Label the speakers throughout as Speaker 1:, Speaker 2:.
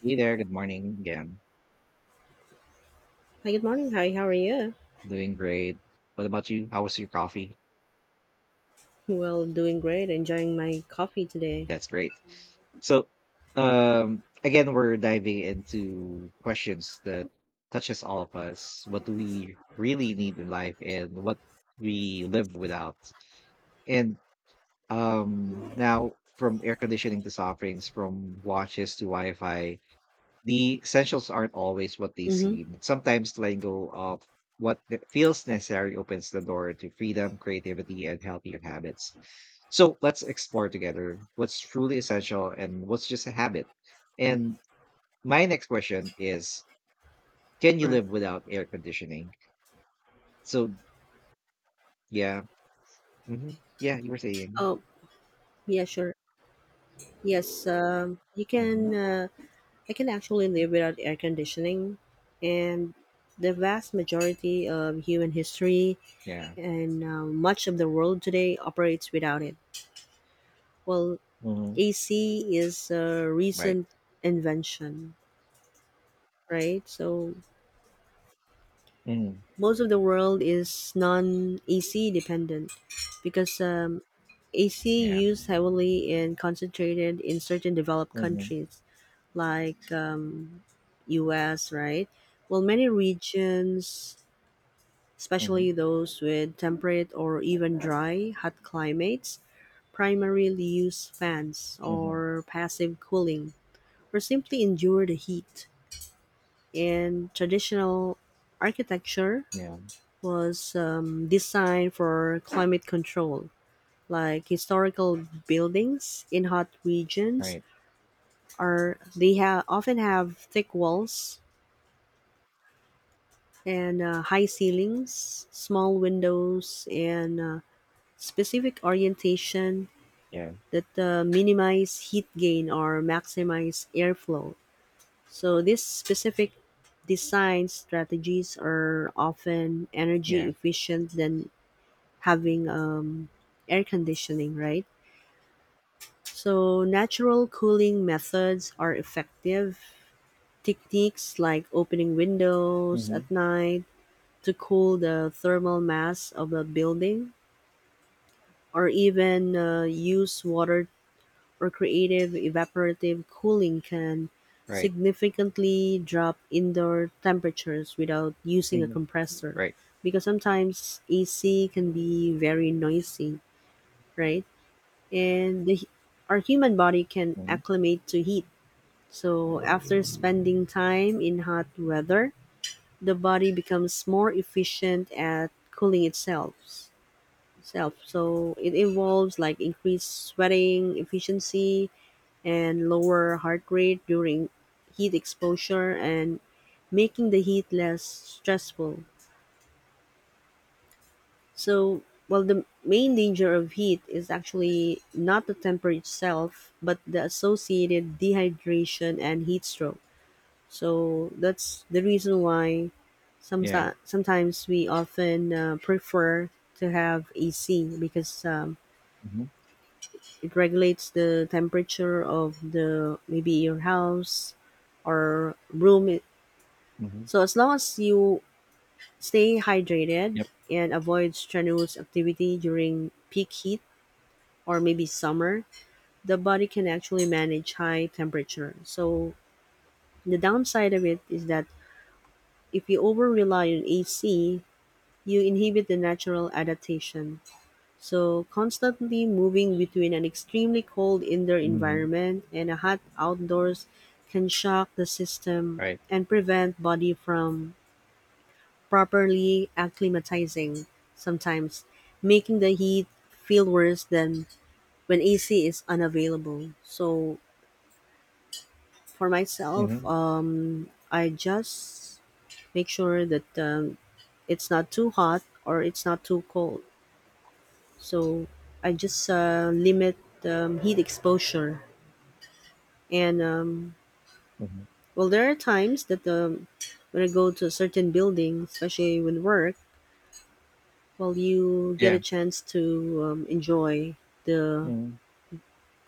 Speaker 1: Hey there, good morning again.
Speaker 2: Hi, good morning. Hi, how are you?
Speaker 1: Doing great. What about you? How was your coffee?
Speaker 2: Well, doing great. Enjoying my coffee today.
Speaker 1: That's great. So, again, we're diving into questions that touches all of us. What do we really need in life and what we live without? And now from air conditioning to soft drinks, from watches to Wi-Fi, the essentials aren't always what they
Speaker 2: Mm-hmm.
Speaker 1: seem. Sometimes letting go of what feels necessary opens the door to freedom, creativity, and healthier habits. So let's explore together what's truly essential and what's just a habit. And my next question is: Can you live
Speaker 2: Correct.
Speaker 1: without air conditioning? So, yeah. Hmm. Yeah, you were saying.
Speaker 2: Oh, yeah, sure. Yes, you
Speaker 1: Hmm.
Speaker 2: can. I can actually live without air conditioning, and the vast majority of human history
Speaker 1: Yeah.
Speaker 2: and much of the world today operates without it. Well,
Speaker 1: Hmm.
Speaker 2: AC is a
Speaker 1: Right.
Speaker 2: recent invention, right? So
Speaker 1: Hmm.
Speaker 2: most of the world is non-AC dependent because AC
Speaker 1: Yeah.
Speaker 2: used heavily and concentrated in certain developed
Speaker 1: Hmm.
Speaker 2: countries like US, right? Well, many regions,
Speaker 1: Hmm.
Speaker 2: especially those with temperate or even dry, hot climates, primarily use fans
Speaker 1: Hmm.
Speaker 2: or passive cooling or simply endure the heat. And traditional architecture
Speaker 1: Yeah.
Speaker 2: was designed for climate control. Like historical buildings in hot regions
Speaker 1: Right.
Speaker 2: are they have often have thick walls and high ceilings, small windows, and specific orientation
Speaker 1: Yeah.
Speaker 2: that minimize heat gain or maximize airflow. So these specific design strategies are often energy
Speaker 1: Yeah.
Speaker 2: efficient than having air conditioning, right? So, natural cooling methods are effective. Techniques like opening windows
Speaker 1: Hmm.
Speaker 2: at night to cool the thermal mass of a building, or even use water or creative evaporative cooling can
Speaker 1: Right.
Speaker 2: significantly drop indoor temperatures without using a
Speaker 1: Mhm.
Speaker 2: compressor
Speaker 1: Right.
Speaker 2: because sometimes AC can be very noisy, right? And our human body can
Speaker 1: Mhm.
Speaker 2: acclimate to heat. So after spending time in hot weather, the body becomes more efficient at cooling itself. Self. So it involves like increased sweating efficiency and lower heart rate during heat exposure and making the heat less stressful. So, well, the main danger of heat is actually not the temper itself, but the associated dehydration and heat stroke. So, that's the reason why
Speaker 1: Yeah.
Speaker 2: sometimes we often prefer to have AC because
Speaker 1: Mhm.
Speaker 2: it regulates the temperature of the maybe your house or room.
Speaker 1: Mhm.
Speaker 2: So as long as you stay hydrated
Speaker 1: Yep.
Speaker 2: and avoid strenuous activity during peak heat, or maybe summer, the body can actually manage high temperature. So the downside of it is that if you over rely on AC, you inhibit the natural adaptation. So constantly moving between an extremely cold indoor
Speaker 1: Mhm.
Speaker 2: environment and a hot outdoors can shock the system
Speaker 1: Right.
Speaker 2: and prevent body from properly acclimatizing sometimes making the heat feel worse than when AC is unavailable. So for myself,
Speaker 1: Mhm.
Speaker 2: I just make sure that it's not too hot or it's not too cold. So I just limit heat exposure. And
Speaker 1: Mhm.
Speaker 2: well, there are times that when I go to a certain building, especially when work, well, you get a
Speaker 1: Yeah.
Speaker 2: chance to enjoy the
Speaker 1: Mhm.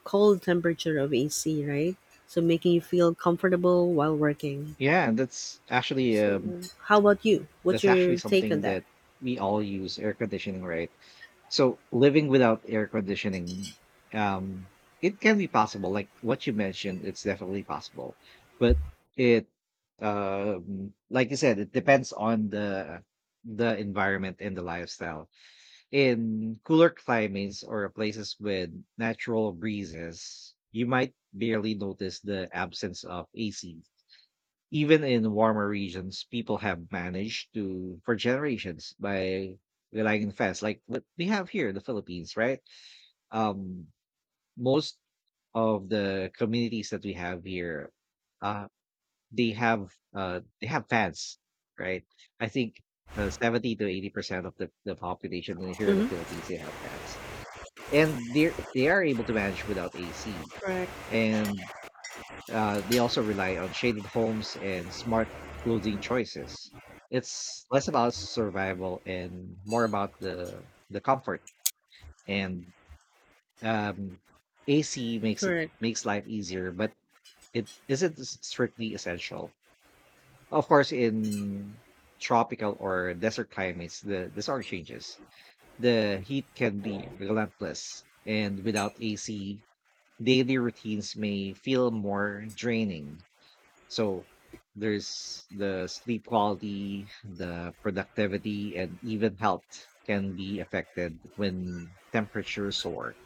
Speaker 2: cold temperature of AC, right? So making you feel comfortable while working.
Speaker 1: Yeah, and
Speaker 2: So, how about you? What's
Speaker 1: that's actually
Speaker 2: your take on
Speaker 1: something
Speaker 2: that?
Speaker 1: that we all use air conditioning, right? So living without air conditioning, um, it can be possible. Like what you mentioned, it's definitely possible. But it like you said, it depends on the environment and the lifestyle. In cooler climates or places with natural breezes, you might barely notice the absence of AC. Even in warmer regions, people have managed to, for generations, by relying on fans, like what we have here in the Philippines, right? Um, Most of the communities that we have here, uh, they have fans, right? I think 70 to 80% of the population here in the
Speaker 2: Hmm.
Speaker 1: Philippines they have fans and they are able to manage without AC,
Speaker 2: Correct.
Speaker 1: and they also rely on shaded homes and smart clothing choices. It's less about survival and more about the comfort. And um, AC
Speaker 2: Correct.
Speaker 1: makes life easier, but it isn't strictly essential. Of course, in tropical or desert climates, the sort changes. The heat can be relentless, and without AC, daily routines may feel more draining. So there's the sleep quality, the productivity, and even health can be affected when temperatures soar.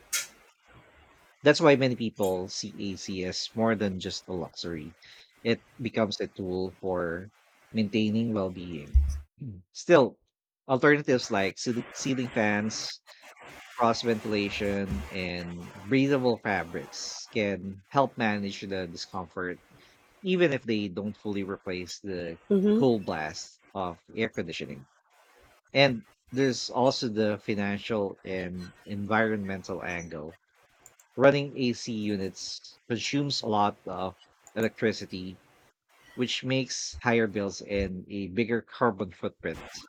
Speaker 1: That's why many people see AC as more than just a luxury. It becomes a tool for maintaining well being. Still, alternatives like ceiling fans, cross ventilation and breathable fabrics can help manage the discomfort, even if they don't fully replace the
Speaker 2: Mm-hmm.
Speaker 1: cool blast of air conditioning. And there's also the financial and environmental angle. Running AC units consumes a lot of electricity, which makes higher bills and a bigger carbon footprint.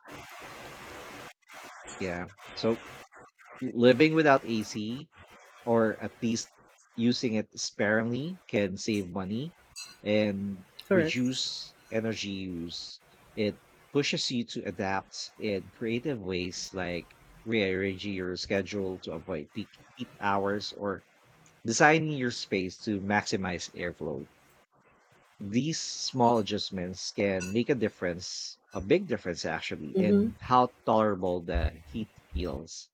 Speaker 1: Yeah. So, living without AC or at least using it sparingly can save money and
Speaker 2: Correct.
Speaker 1: reduce energy use. It pushes you to adapt in creative ways like rearranging your schedule to avoid peak heat hours or designing your space to maximize airflow. These small adjustments can make a difference, a big difference actually,
Speaker 2: Mm-hmm.
Speaker 1: in how tolerable the heat feels.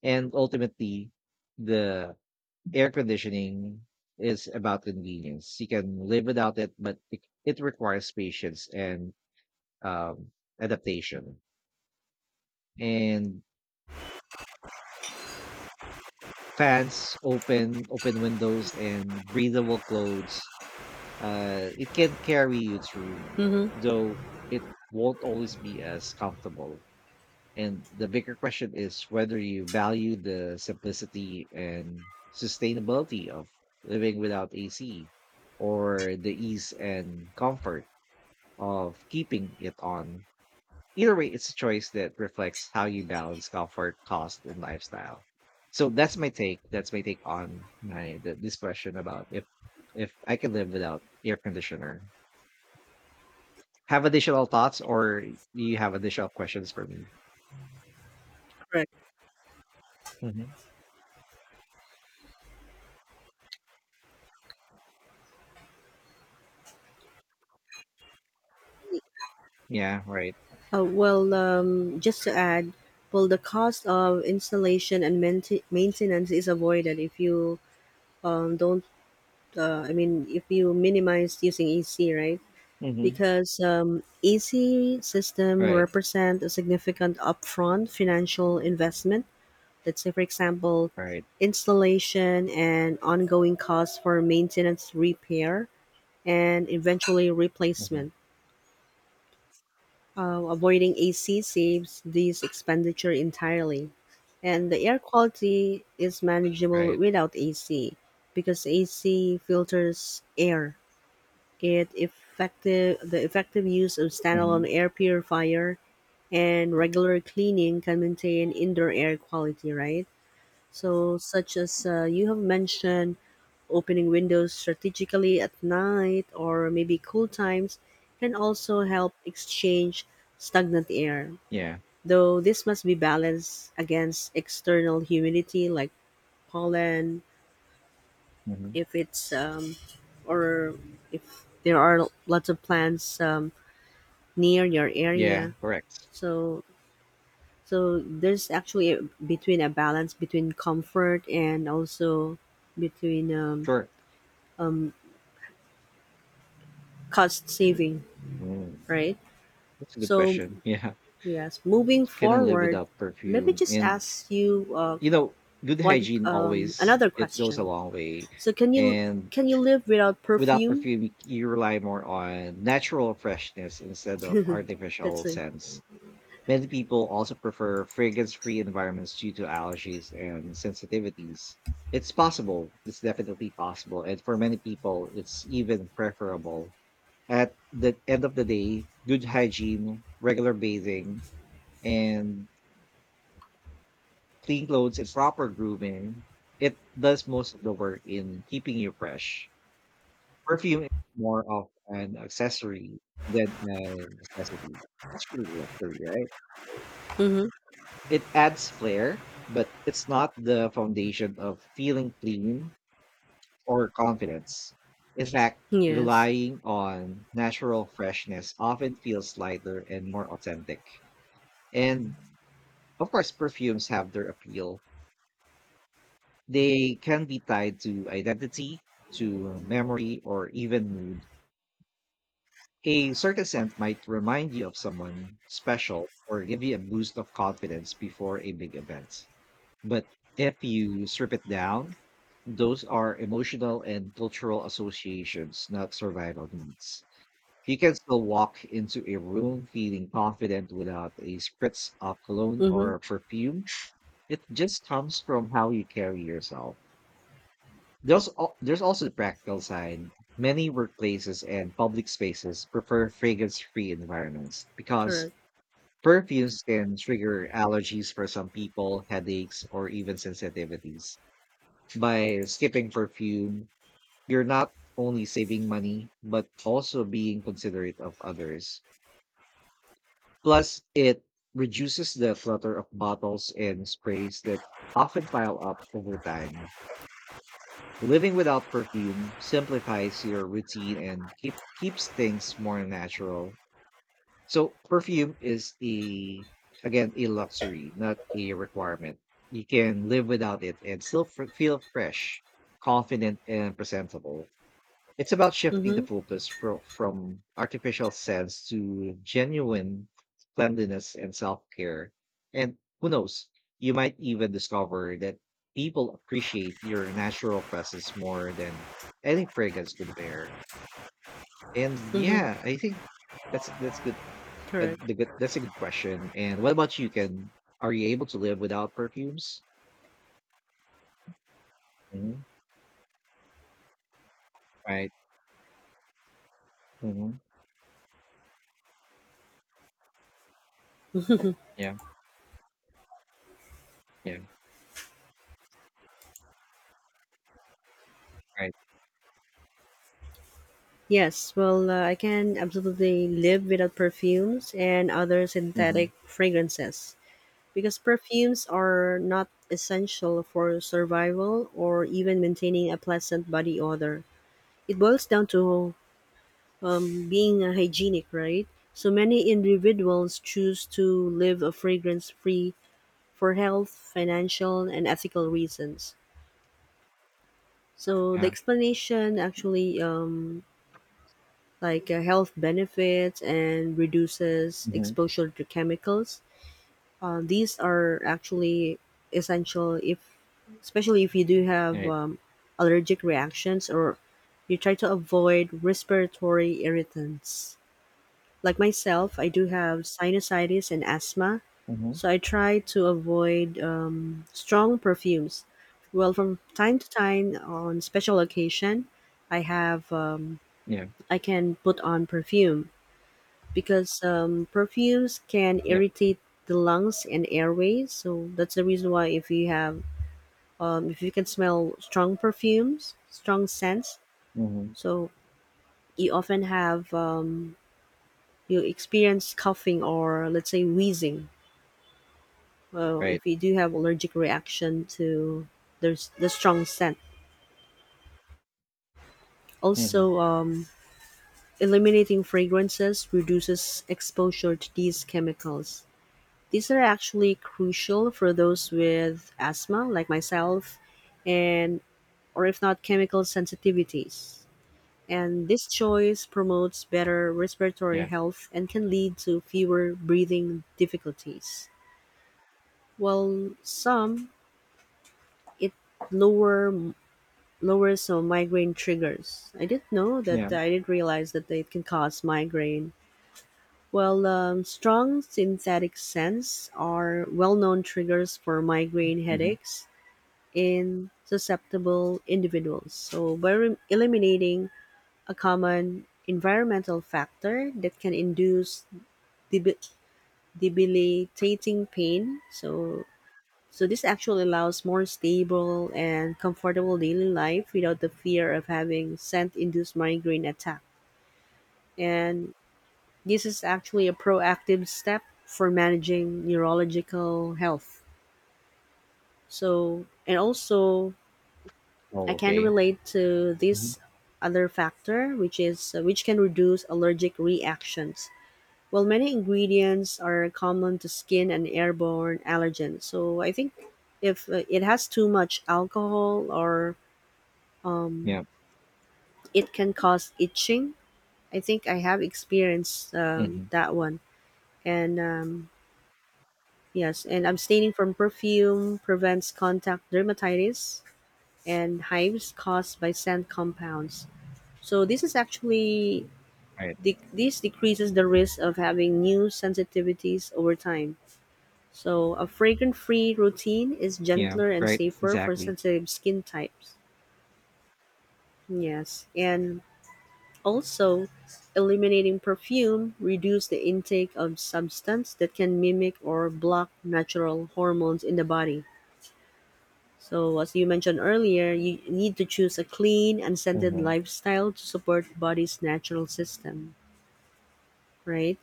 Speaker 1: And ultimately, the air conditioning is about convenience. You can live without it, but it requires patience and um, adaptation. And fans, open windows, and breathable clothes, it can carry you through,
Speaker 2: Mm-hmm.
Speaker 1: though it won't always be as comfortable. And the bigger question is whether you value the simplicity and sustainability of living without AC or the ease and comfort of keeping it on. Either way, it's a choice that reflects how you balance comfort, cost, and lifestyle. So that's my take. That's my take on this question about if I can live without air conditioner. Have additional thoughts, or do you have additional questions for me?
Speaker 2: Correct.
Speaker 1: Hmm. Yeah, right.
Speaker 2: Well, just to add, well, the cost of installation and maintenance is avoided if you don't. I mean, if you minimize using AC, right?
Speaker 1: Hmm.
Speaker 2: Because AC system
Speaker 1: Right.
Speaker 2: represent a significant upfront financial investment. Let's say, for example,
Speaker 1: Right.
Speaker 2: installation and ongoing costs for maintenance repair and eventually
Speaker 1: Mhm.
Speaker 2: replacement. Avoiding AC saves these expenditure entirely, and the air quality is manageable
Speaker 1: Right.
Speaker 2: without AC because AC filters air. It effective the effective use of standalone
Speaker 1: Mhm.
Speaker 2: air purifier and regular cleaning can maintain indoor air quality, right? So, such as you have mentioned, opening windows strategically at night or maybe cool times can also help exchange stagnant air,
Speaker 1: Yeah.
Speaker 2: though this must be balanced against external humidity like pollen,
Speaker 1: Mhm.
Speaker 2: if it's, or if there are lots of plants near your
Speaker 1: Yeah,
Speaker 2: area.
Speaker 1: correct.
Speaker 2: So, so there's actually a, between a balance between comfort and also between
Speaker 1: Sure.
Speaker 2: cost saving,
Speaker 1: Mm.
Speaker 2: right?
Speaker 1: That's a good
Speaker 2: So
Speaker 1: question. Yeah.
Speaker 2: yes, moving
Speaker 1: Can I live
Speaker 2: forward,
Speaker 1: without
Speaker 2: let me
Speaker 1: perfume?
Speaker 2: just
Speaker 1: And
Speaker 2: ask you
Speaker 1: you know, good
Speaker 2: one
Speaker 1: hygiene always
Speaker 2: another
Speaker 1: it goes a
Speaker 2: question.
Speaker 1: long way.
Speaker 2: So can you
Speaker 1: And
Speaker 2: can you live without
Speaker 1: without
Speaker 2: perfume?
Speaker 1: perfume, you rely more on natural freshness instead of
Speaker 2: That's
Speaker 1: artificial
Speaker 2: it.
Speaker 1: scents. Many people also prefer fragrance-free environments due to allergies and sensitivities. It's possible. It's definitely possible. And for many people, it's even preferable. At the end of the day, good hygiene, regular bathing, and clean clothes and proper grooming, it does most of the work in keeping you fresh. Perfume is more of an accessory than a necessity. That's really luxury, right?
Speaker 2: Mm-hmm.
Speaker 1: It adds flair, but it's not the foundation of feeling clean or confidence. In fact,
Speaker 2: Yes.
Speaker 1: relying on natural freshness often feels lighter and more authentic. And of course, perfumes have their appeal. They can be tied to identity, to memory, or even mood. A certain scent might remind you of someone special or give you a boost of confidence before a big event. But if you strip it down, those are emotional and cultural associations, not survival needs. You can still walk into a room feeling confident without a spritz of cologne
Speaker 2: Mm-hmm.
Speaker 1: or perfume. It just comes from how you carry yourself. There's also the practical side. Many workplaces and public spaces prefer fragrance free environments because
Speaker 2: Correct.
Speaker 1: perfumes can trigger allergies for some people, headaches, or even sensitivities. By skipping perfume, you're not only saving money, but also being considerate of others. Plus, it reduces the clutter of bottles and sprays that often pile up over time. Living without perfume simplifies your routine and keeps things more natural. So, perfume is again, a luxury, not a requirement. You can live without it and still feel fresh, confident, and presentable. It's about shifting the
Speaker 2: Mm-hmm.
Speaker 1: focus from artificial sense to genuine cleanliness and self-care. And who knows, you might even discover that people appreciate your natural presence more than any fragrance could bear. And yeah,
Speaker 2: Mm-hmm.
Speaker 1: I think that's that's the
Speaker 2: Correct.
Speaker 1: that's a good question. And what about you? Can Are you able to live without perfumes? Hmm. Right. Hmm. Yeah. Yeah. Right.
Speaker 2: Yes. Well, I can absolutely live without perfumes and other
Speaker 1: Hmm.
Speaker 2: synthetic fragrances because perfumes are not essential for survival or even maintaining a pleasant body odor. It boils down to being hygienic, right? So many individuals choose to live a fragrance free for health, financial, and ethical reasons. So the
Speaker 1: Yeah.
Speaker 2: explanation actually like health benefits and reduces
Speaker 1: Hmm.
Speaker 2: exposure to chemicals. These are actually essential if, especially if you do have
Speaker 1: Right.
Speaker 2: allergic reactions or you try to avoid respiratory irritants. Like myself, I do have sinusitis and asthma,
Speaker 1: Hmm.
Speaker 2: so I try to avoid strong perfumes. Well, from time to time, on special occasion, I have
Speaker 1: Yeah.
Speaker 2: I can put on perfume because perfumes can
Speaker 1: Yep.
Speaker 2: irritate the lungs and airways. So that's the reason why if you have if you can smell strong perfumes, strong scents,
Speaker 1: Mhm.
Speaker 2: so you often have you experience coughing or let's say wheezing well
Speaker 1: Right.
Speaker 2: if you do have allergic reaction to there's the strong scent
Speaker 1: Mhm.
Speaker 2: also eliminating fragrances reduces exposure to these chemicals these are actually crucial for those with asthma like myself and or if not chemical sensitivities and this choice promotes better respiratory
Speaker 1: Yeah.
Speaker 2: health and can lead to fewer breathing difficulties while some it lower lowers some migraine triggers. I didn't know that.
Speaker 1: Yeah.
Speaker 2: I didn't realize that it can cause migraine. Well, strong synthetic scents are well-known triggers for migraine
Speaker 1: Mhm.
Speaker 2: headaches in susceptible individuals. So, by eliminating a common environmental factor that can induce debi- debilitating pain, so so this actually allows more stable and comfortable daily life without the fear of having scent-induced migraine attack. And this is actually a proactive step for managing neurological health. So and also
Speaker 1: Oh,
Speaker 2: I can
Speaker 1: okay.
Speaker 2: relate to
Speaker 1: Mhm.
Speaker 2: this other factor which is which can reduce allergic reactions. Well, many ingredients are common to skin and airborne allergens. So I think if it has too much alcohol or
Speaker 1: Yeah.
Speaker 2: um, it can cause itching. I think I have experienced
Speaker 1: Mhm.
Speaker 2: that one. And yes, and abstaining from perfume prevents contact dermatitis and hives caused by scent compounds. So this is actually
Speaker 1: Right.
Speaker 2: this decreases the risk of having new sensitivities over time. So a fragrant-free routine is
Speaker 1: Yeah.
Speaker 2: gentler and
Speaker 1: Right.
Speaker 2: safer for
Speaker 1: Exactly.
Speaker 2: sensitive skin types. Yes, and also, eliminating perfume reduces the intake of substance that can mimic or block natural hormones in the body. So, as you mentioned earlier, you need to choose a clean, unscented
Speaker 1: Mhm.
Speaker 2: lifestyle to support body's natural system, right?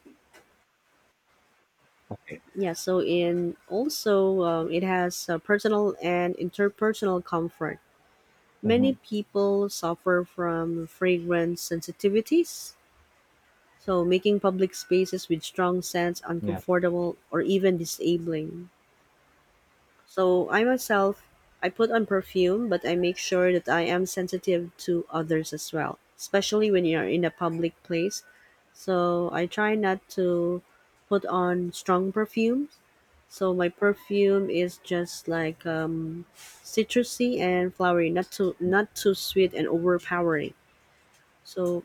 Speaker 1: Okay.
Speaker 2: Yeah. So, in also it has personal and interpersonal comfort. Many
Speaker 1: Mhm.
Speaker 2: people suffer from fragrance sensitivities so making public spaces with strong scents
Speaker 1: Yeah.
Speaker 2: uncomfortable or even disabling. So I myself, I put on perfume, but I make sure that I am sensitive to others as well, especially when you are in a public place. So I try not to put on strong perfumes. So my perfume is just like citrusy and flowery, not too
Speaker 1: Mm.
Speaker 2: not too sweet and overpowering. So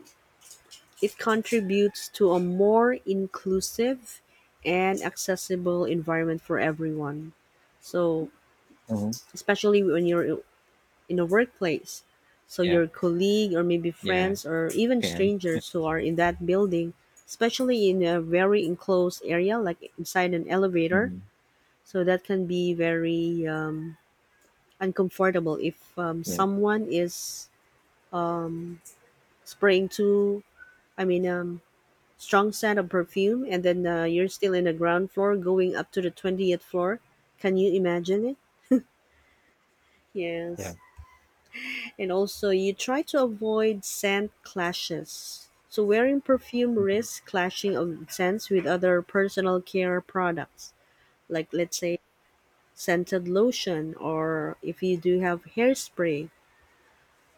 Speaker 2: it contributes to a more inclusive and accessible environment for everyone. So,
Speaker 1: Mhm.
Speaker 2: especially when you're in a workplace, so
Speaker 1: Yeah.
Speaker 2: your colleague or maybe
Speaker 1: Yeah.
Speaker 2: friends or
Speaker 1: I
Speaker 2: even
Speaker 1: can.
Speaker 2: strangers who are in that building, especially in a very enclosed area like inside an elevator,
Speaker 1: Mhm.
Speaker 2: so that can be very uncomfortable if
Speaker 1: Yeah.
Speaker 2: someone is spraying too. I mean, strong scent of perfume and then you're still in the ground floor going up to the 20th floor can you imagine it
Speaker 1: Yeah.
Speaker 2: yes and also you try to avoid scent clashes so wearing perfume
Speaker 1: Mhm.
Speaker 2: risks clashing of scents with other personal care products like let's say scented lotion or if you do have hairspray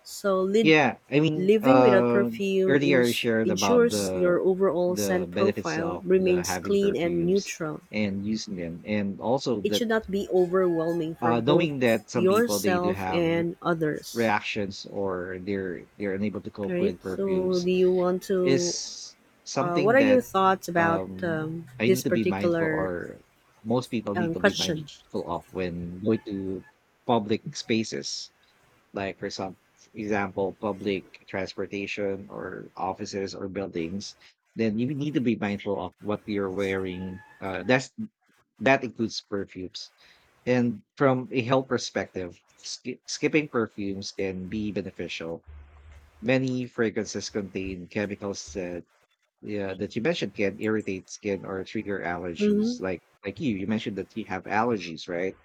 Speaker 2: so
Speaker 1: Yeah. I mean,
Speaker 2: living without perfume
Speaker 1: earlier I shared about
Speaker 2: ensures your
Speaker 1: the
Speaker 2: overall
Speaker 1: the
Speaker 2: scent
Speaker 1: benefits
Speaker 2: profile
Speaker 1: of the
Speaker 2: remains
Speaker 1: having
Speaker 2: clean and
Speaker 1: perfumes
Speaker 2: neutral.
Speaker 1: and using them, and also
Speaker 2: It
Speaker 1: that
Speaker 2: should not be overwhelming for
Speaker 1: knowing
Speaker 2: both
Speaker 1: that some people they do
Speaker 2: yourself
Speaker 1: have
Speaker 2: and others.
Speaker 1: reactions or they're unable to cope
Speaker 2: Right?
Speaker 1: with
Speaker 2: So,
Speaker 1: perfumes
Speaker 2: do you want to?
Speaker 1: is
Speaker 2: What
Speaker 1: something
Speaker 2: are your
Speaker 1: that
Speaker 2: thoughts about
Speaker 1: um I need
Speaker 2: this
Speaker 1: to be mindful
Speaker 2: particular
Speaker 1: or most people need to be
Speaker 2: question?
Speaker 1: mindful of when going to public spaces like for some example public transportation or offices or buildings. Then you need to be mindful of what you're wearing, that includes perfumes. And from a health perspective, skipping perfumes can be beneficial. Many fragrances contain chemicals that, yeah, that you mentioned can irritate skin or trigger
Speaker 2: Mm-hmm.
Speaker 1: allergies. Like you mentioned that you have allergies, right?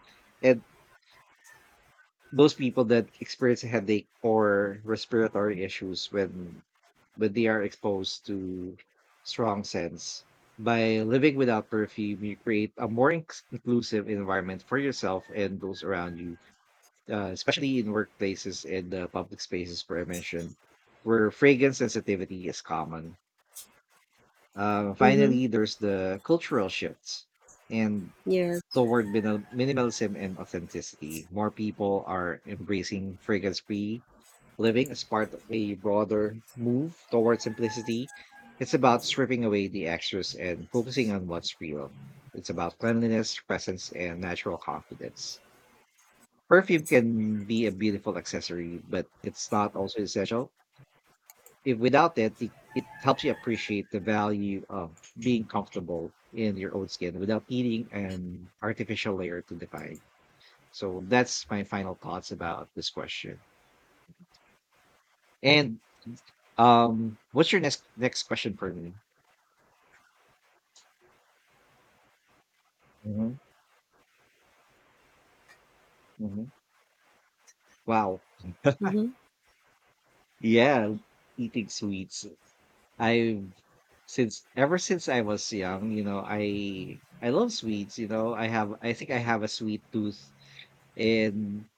Speaker 1: And most people that experience a headache or respiratory issues when they are exposed to strong scents. By living without perfume, you create a more inclusive environment for yourself and those around you, especially in workplaces and the public spaces where I mentioned, where fragrance sensitivity is common.
Speaker 2: Mm-hmm.
Speaker 1: Finally, there's the cultural shifts and
Speaker 2: Yes.
Speaker 1: toward minimalism and authenticity. More people are embracing fragrance free living as part of a broader move toward simplicity. It's about stripping away the extras and focusing on what's real. It's about cleanliness, presence, and natural confidence. Perfume can be a beautiful accessory, but it's not also essential. If without it, it helps you appreciate the value of being comfortable in your own skin without needing an artificial layer to define. So that's my final thoughts about this question. And what's your next question for me? Hmm. Hmm. Wow.
Speaker 2: Mm-hmm.
Speaker 1: Yeah, eating sweets. I Since ever since I was young, I love sweets. I think I have a sweet tooth. and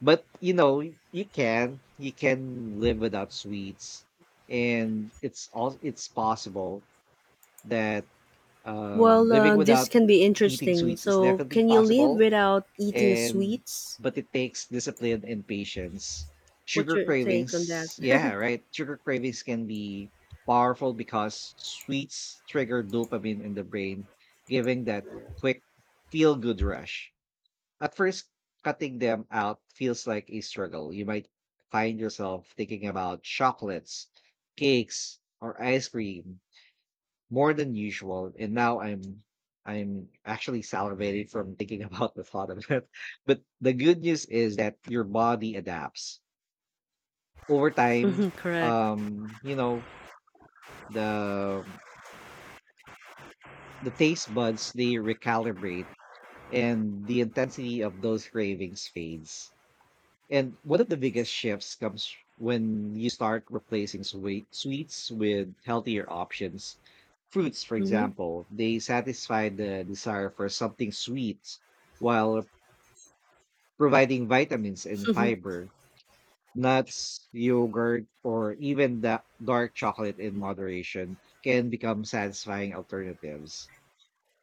Speaker 1: but you know, you can live without sweets, and it's possible that
Speaker 2: Well,
Speaker 1: living
Speaker 2: this
Speaker 1: without
Speaker 2: can be
Speaker 1: eating
Speaker 2: interesting.
Speaker 1: sweets is
Speaker 2: So,
Speaker 1: definitely
Speaker 2: can you live
Speaker 1: possible,
Speaker 2: without eating
Speaker 1: and
Speaker 2: sweets?
Speaker 1: but it takes discipline and patience.
Speaker 2: What's
Speaker 1: Sugar
Speaker 2: your take on that?
Speaker 1: cravings. Yeah, right. Sugar cravings can be powerful because sweets trigger dopamine in the brain, giving that quick feel good rush. At first, cutting them out feels like a struggle. You might find yourself thinking about chocolates, cakes, or ice cream more than usual, and now I'm actually salivating from thinking about the thought of it. But the good news is that your body adapts. Over time,
Speaker 2: Mm-hmm, correct.
Speaker 1: um, you know, the the taste buds they recalibrate and the intensity of those cravings fades. And one of the biggest shifts comes when you start replacing sweets with healthier options. Fruits, for
Speaker 2: Mm-hmm.
Speaker 1: example, they satisfy the desire for something sweet while providing vitamins and
Speaker 2: Mm-hmm.
Speaker 1: fiber. Nuts, yogurt, or even the dark chocolate in moderation can become satisfying alternatives.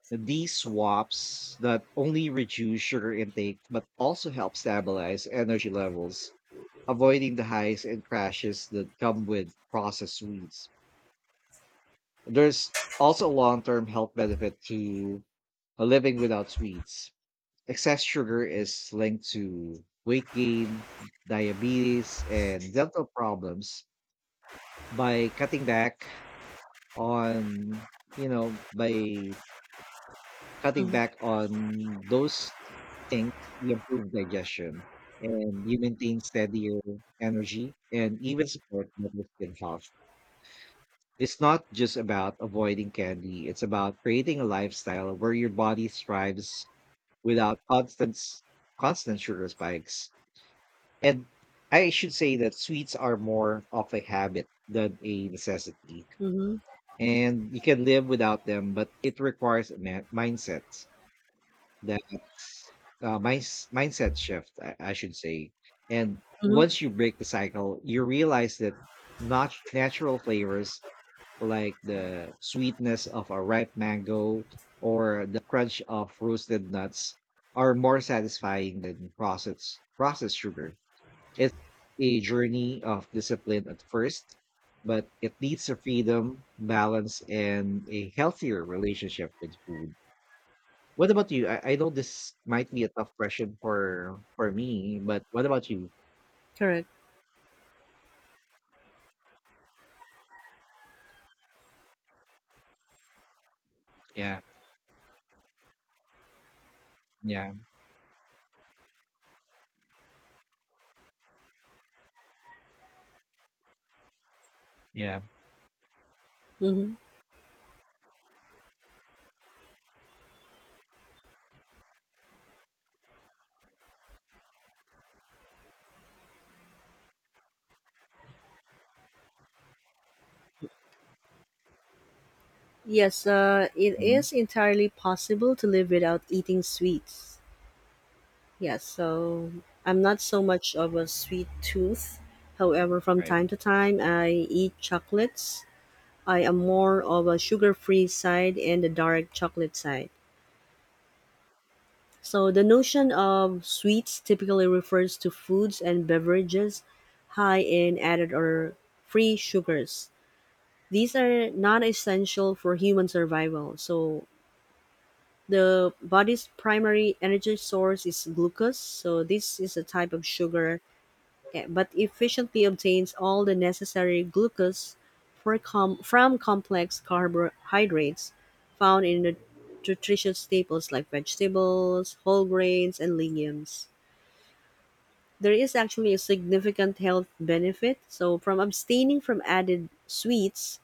Speaker 1: These swaps not only reduce sugar intake but also help stabilize energy levels, avoiding the highs and crashes that come with processed sweets. There's also a long term health benefit to living without sweets. Excess sugar is linked to weight gain, diabetes, and dental problems. By cutting back on, by cutting back on those things, we improve digestion and you maintain steadier energy and even support better skin health. It's not just about avoiding candy, it's about creating a lifestyle where your body thrives without constant sugar spikes. And I should say that sweets are more of a habit than a necessity.
Speaker 2: Mm-hmm.
Speaker 1: And you can live without them, but it requires a mindset. That's mindset shift, I should say. And
Speaker 2: Mm-hmm.
Speaker 1: once you break the cycle, you realize that not natural flavors like the sweetness of a ripe mango or the crunch of roasted nuts are more satisfying than processed sugar. It's a journey of discipline at first, but it leads to freedom, balance, and a healthier relationship with food. What about you? I know this might be a tough question for me, but what about you?
Speaker 2: Correct.
Speaker 1: Yeah, yeah, yeah.
Speaker 2: Mm-hmm. Yes, it
Speaker 1: Mm-hmm.
Speaker 2: is entirely possible to live without eating sweets. Yes, so I'm not so much of a sweet tooth. However, from
Speaker 1: Right.
Speaker 2: time to time, I eat chocolates. I am more of a sugar free side and the dark chocolate side. So, the notion of sweets typically refers to foods and beverages high in added or free sugars. These are not essential for human survival. So, the body's primary energy source is glucose, so this is a type of sugar, eh, but efficiently obtains all the necessary glucose from complex carbohydrates found in the nutritious staples like vegetables, whole grains, and legumes. There is actually a significant health benefit. So, from abstaining from added sweets,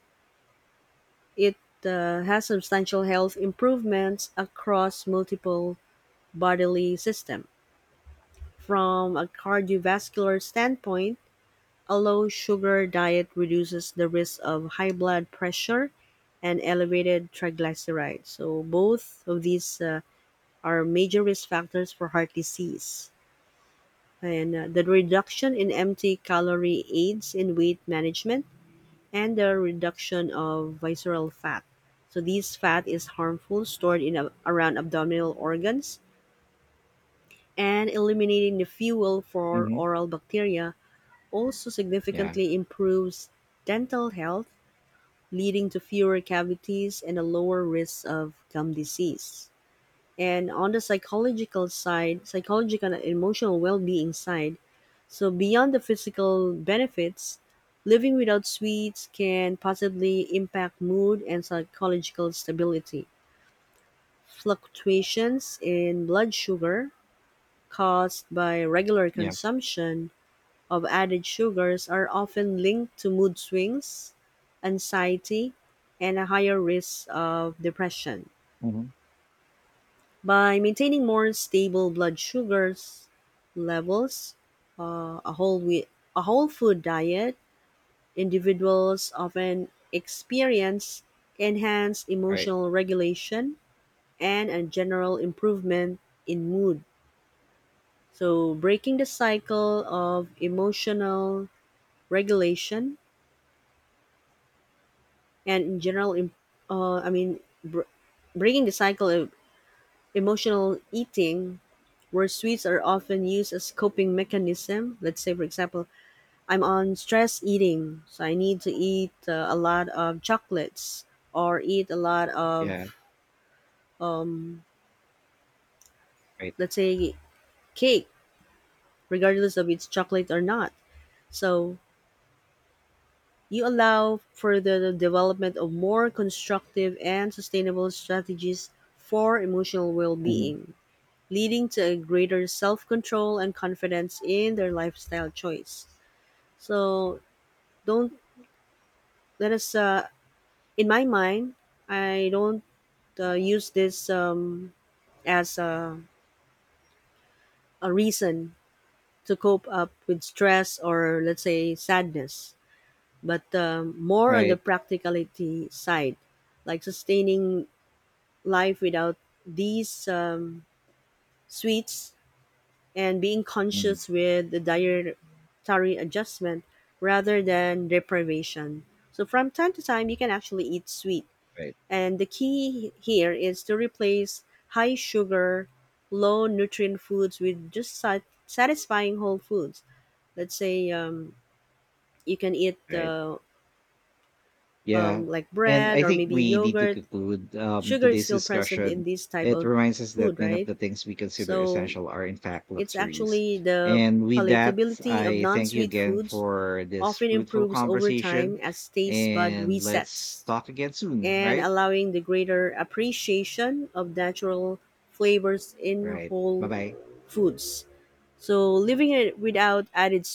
Speaker 2: it has substantial health improvements across multiple bodily systems. From a cardiovascular standpoint, a low sugar diet reduces the risk of high blood pressure and elevated triglycerides. So both of these are major risk factors for heart disease. And the reduction in empty calorie aids in weight management and the reduction of visceral fat. So these fat is harmful stored in a, around abdominal organs and eliminating the fuel for
Speaker 1: Mm-hmm.
Speaker 2: oral bacteria also
Speaker 1: Yeah,
Speaker 2: significantly improves dental health, leading to fewer cavities and a lower risk of gum disease. And on the psychological side, psychological and emotional well-being side, so beyond the physical benefits, living without sweets can positively impact mood and psychological stability. Fluctuations in blood sugar caused by regular
Speaker 1: yeah.
Speaker 2: consumption of added sugars are often linked to mood swings, anxiety, and a higher risk of depression.
Speaker 1: Mm-hmm.
Speaker 2: By maintaining more stable blood sugars levels, uh, a whole wheat, a whole food diet, individuals often experience enhanced
Speaker 1: Right.
Speaker 2: emotional regulation and a general improvement in mood. So, breaking the cycle of emotional regulation and in general im- I mean br- breaking the cycle of emotional eating where sweets are often used as coping mechanism let's say for example I'm on stress eating so I need to eat a lot of chocolates or eat a lot
Speaker 1: Yeah.
Speaker 2: of um,
Speaker 1: Right.
Speaker 2: let's say cake regardless of it's chocolate or not so you allow for the development of more constructive and sustainable strategies for emotional
Speaker 1: Mm-hmm.
Speaker 2: well-being leading to a greater self-control and confidence in their lifestyle choice. So don't let us. In my mind, I don't use this as a reason to cope up with stress or let's say sadness, but more on the
Speaker 1: Right.
Speaker 2: practicality side, like sustaining life without these sweets and being
Speaker 1: Mm-hmm.
Speaker 2: conscious with the dietary adjustment rather than deprivation. So from time to time, you can actually eat sweet.
Speaker 1: Right.
Speaker 2: And the key here is to replace high sugar, low nutrient foods with just satisfying whole foods. Let's say you can eat
Speaker 1: Right. Yeah.
Speaker 2: like
Speaker 1: And
Speaker 2: bread
Speaker 1: I
Speaker 2: or
Speaker 1: think
Speaker 2: maybe
Speaker 1: we need to
Speaker 2: yogurt.
Speaker 1: conclude
Speaker 2: Sugar is
Speaker 1: today's
Speaker 2: still present in
Speaker 1: discussion.
Speaker 2: this type
Speaker 1: It
Speaker 2: of
Speaker 1: reminds us that
Speaker 2: food,
Speaker 1: many of
Speaker 2: right?
Speaker 1: the things we consider
Speaker 2: So
Speaker 1: essential are, in fact,
Speaker 2: it's
Speaker 1: luxuries.
Speaker 2: actually the
Speaker 1: And with that,
Speaker 2: palatability of
Speaker 1: I thank you
Speaker 2: non-sweet
Speaker 1: again
Speaker 2: foods
Speaker 1: for this
Speaker 2: often
Speaker 1: fruitful
Speaker 2: improves over
Speaker 1: conversation.
Speaker 2: time as taste bud
Speaker 1: And let's
Speaker 2: resets
Speaker 1: talk again soon,
Speaker 2: and
Speaker 1: right?
Speaker 2: allowing the greater appreciation of natural flavors
Speaker 1: All
Speaker 2: in
Speaker 1: right. Bye
Speaker 2: whole
Speaker 1: bye.
Speaker 2: foods. So living it without added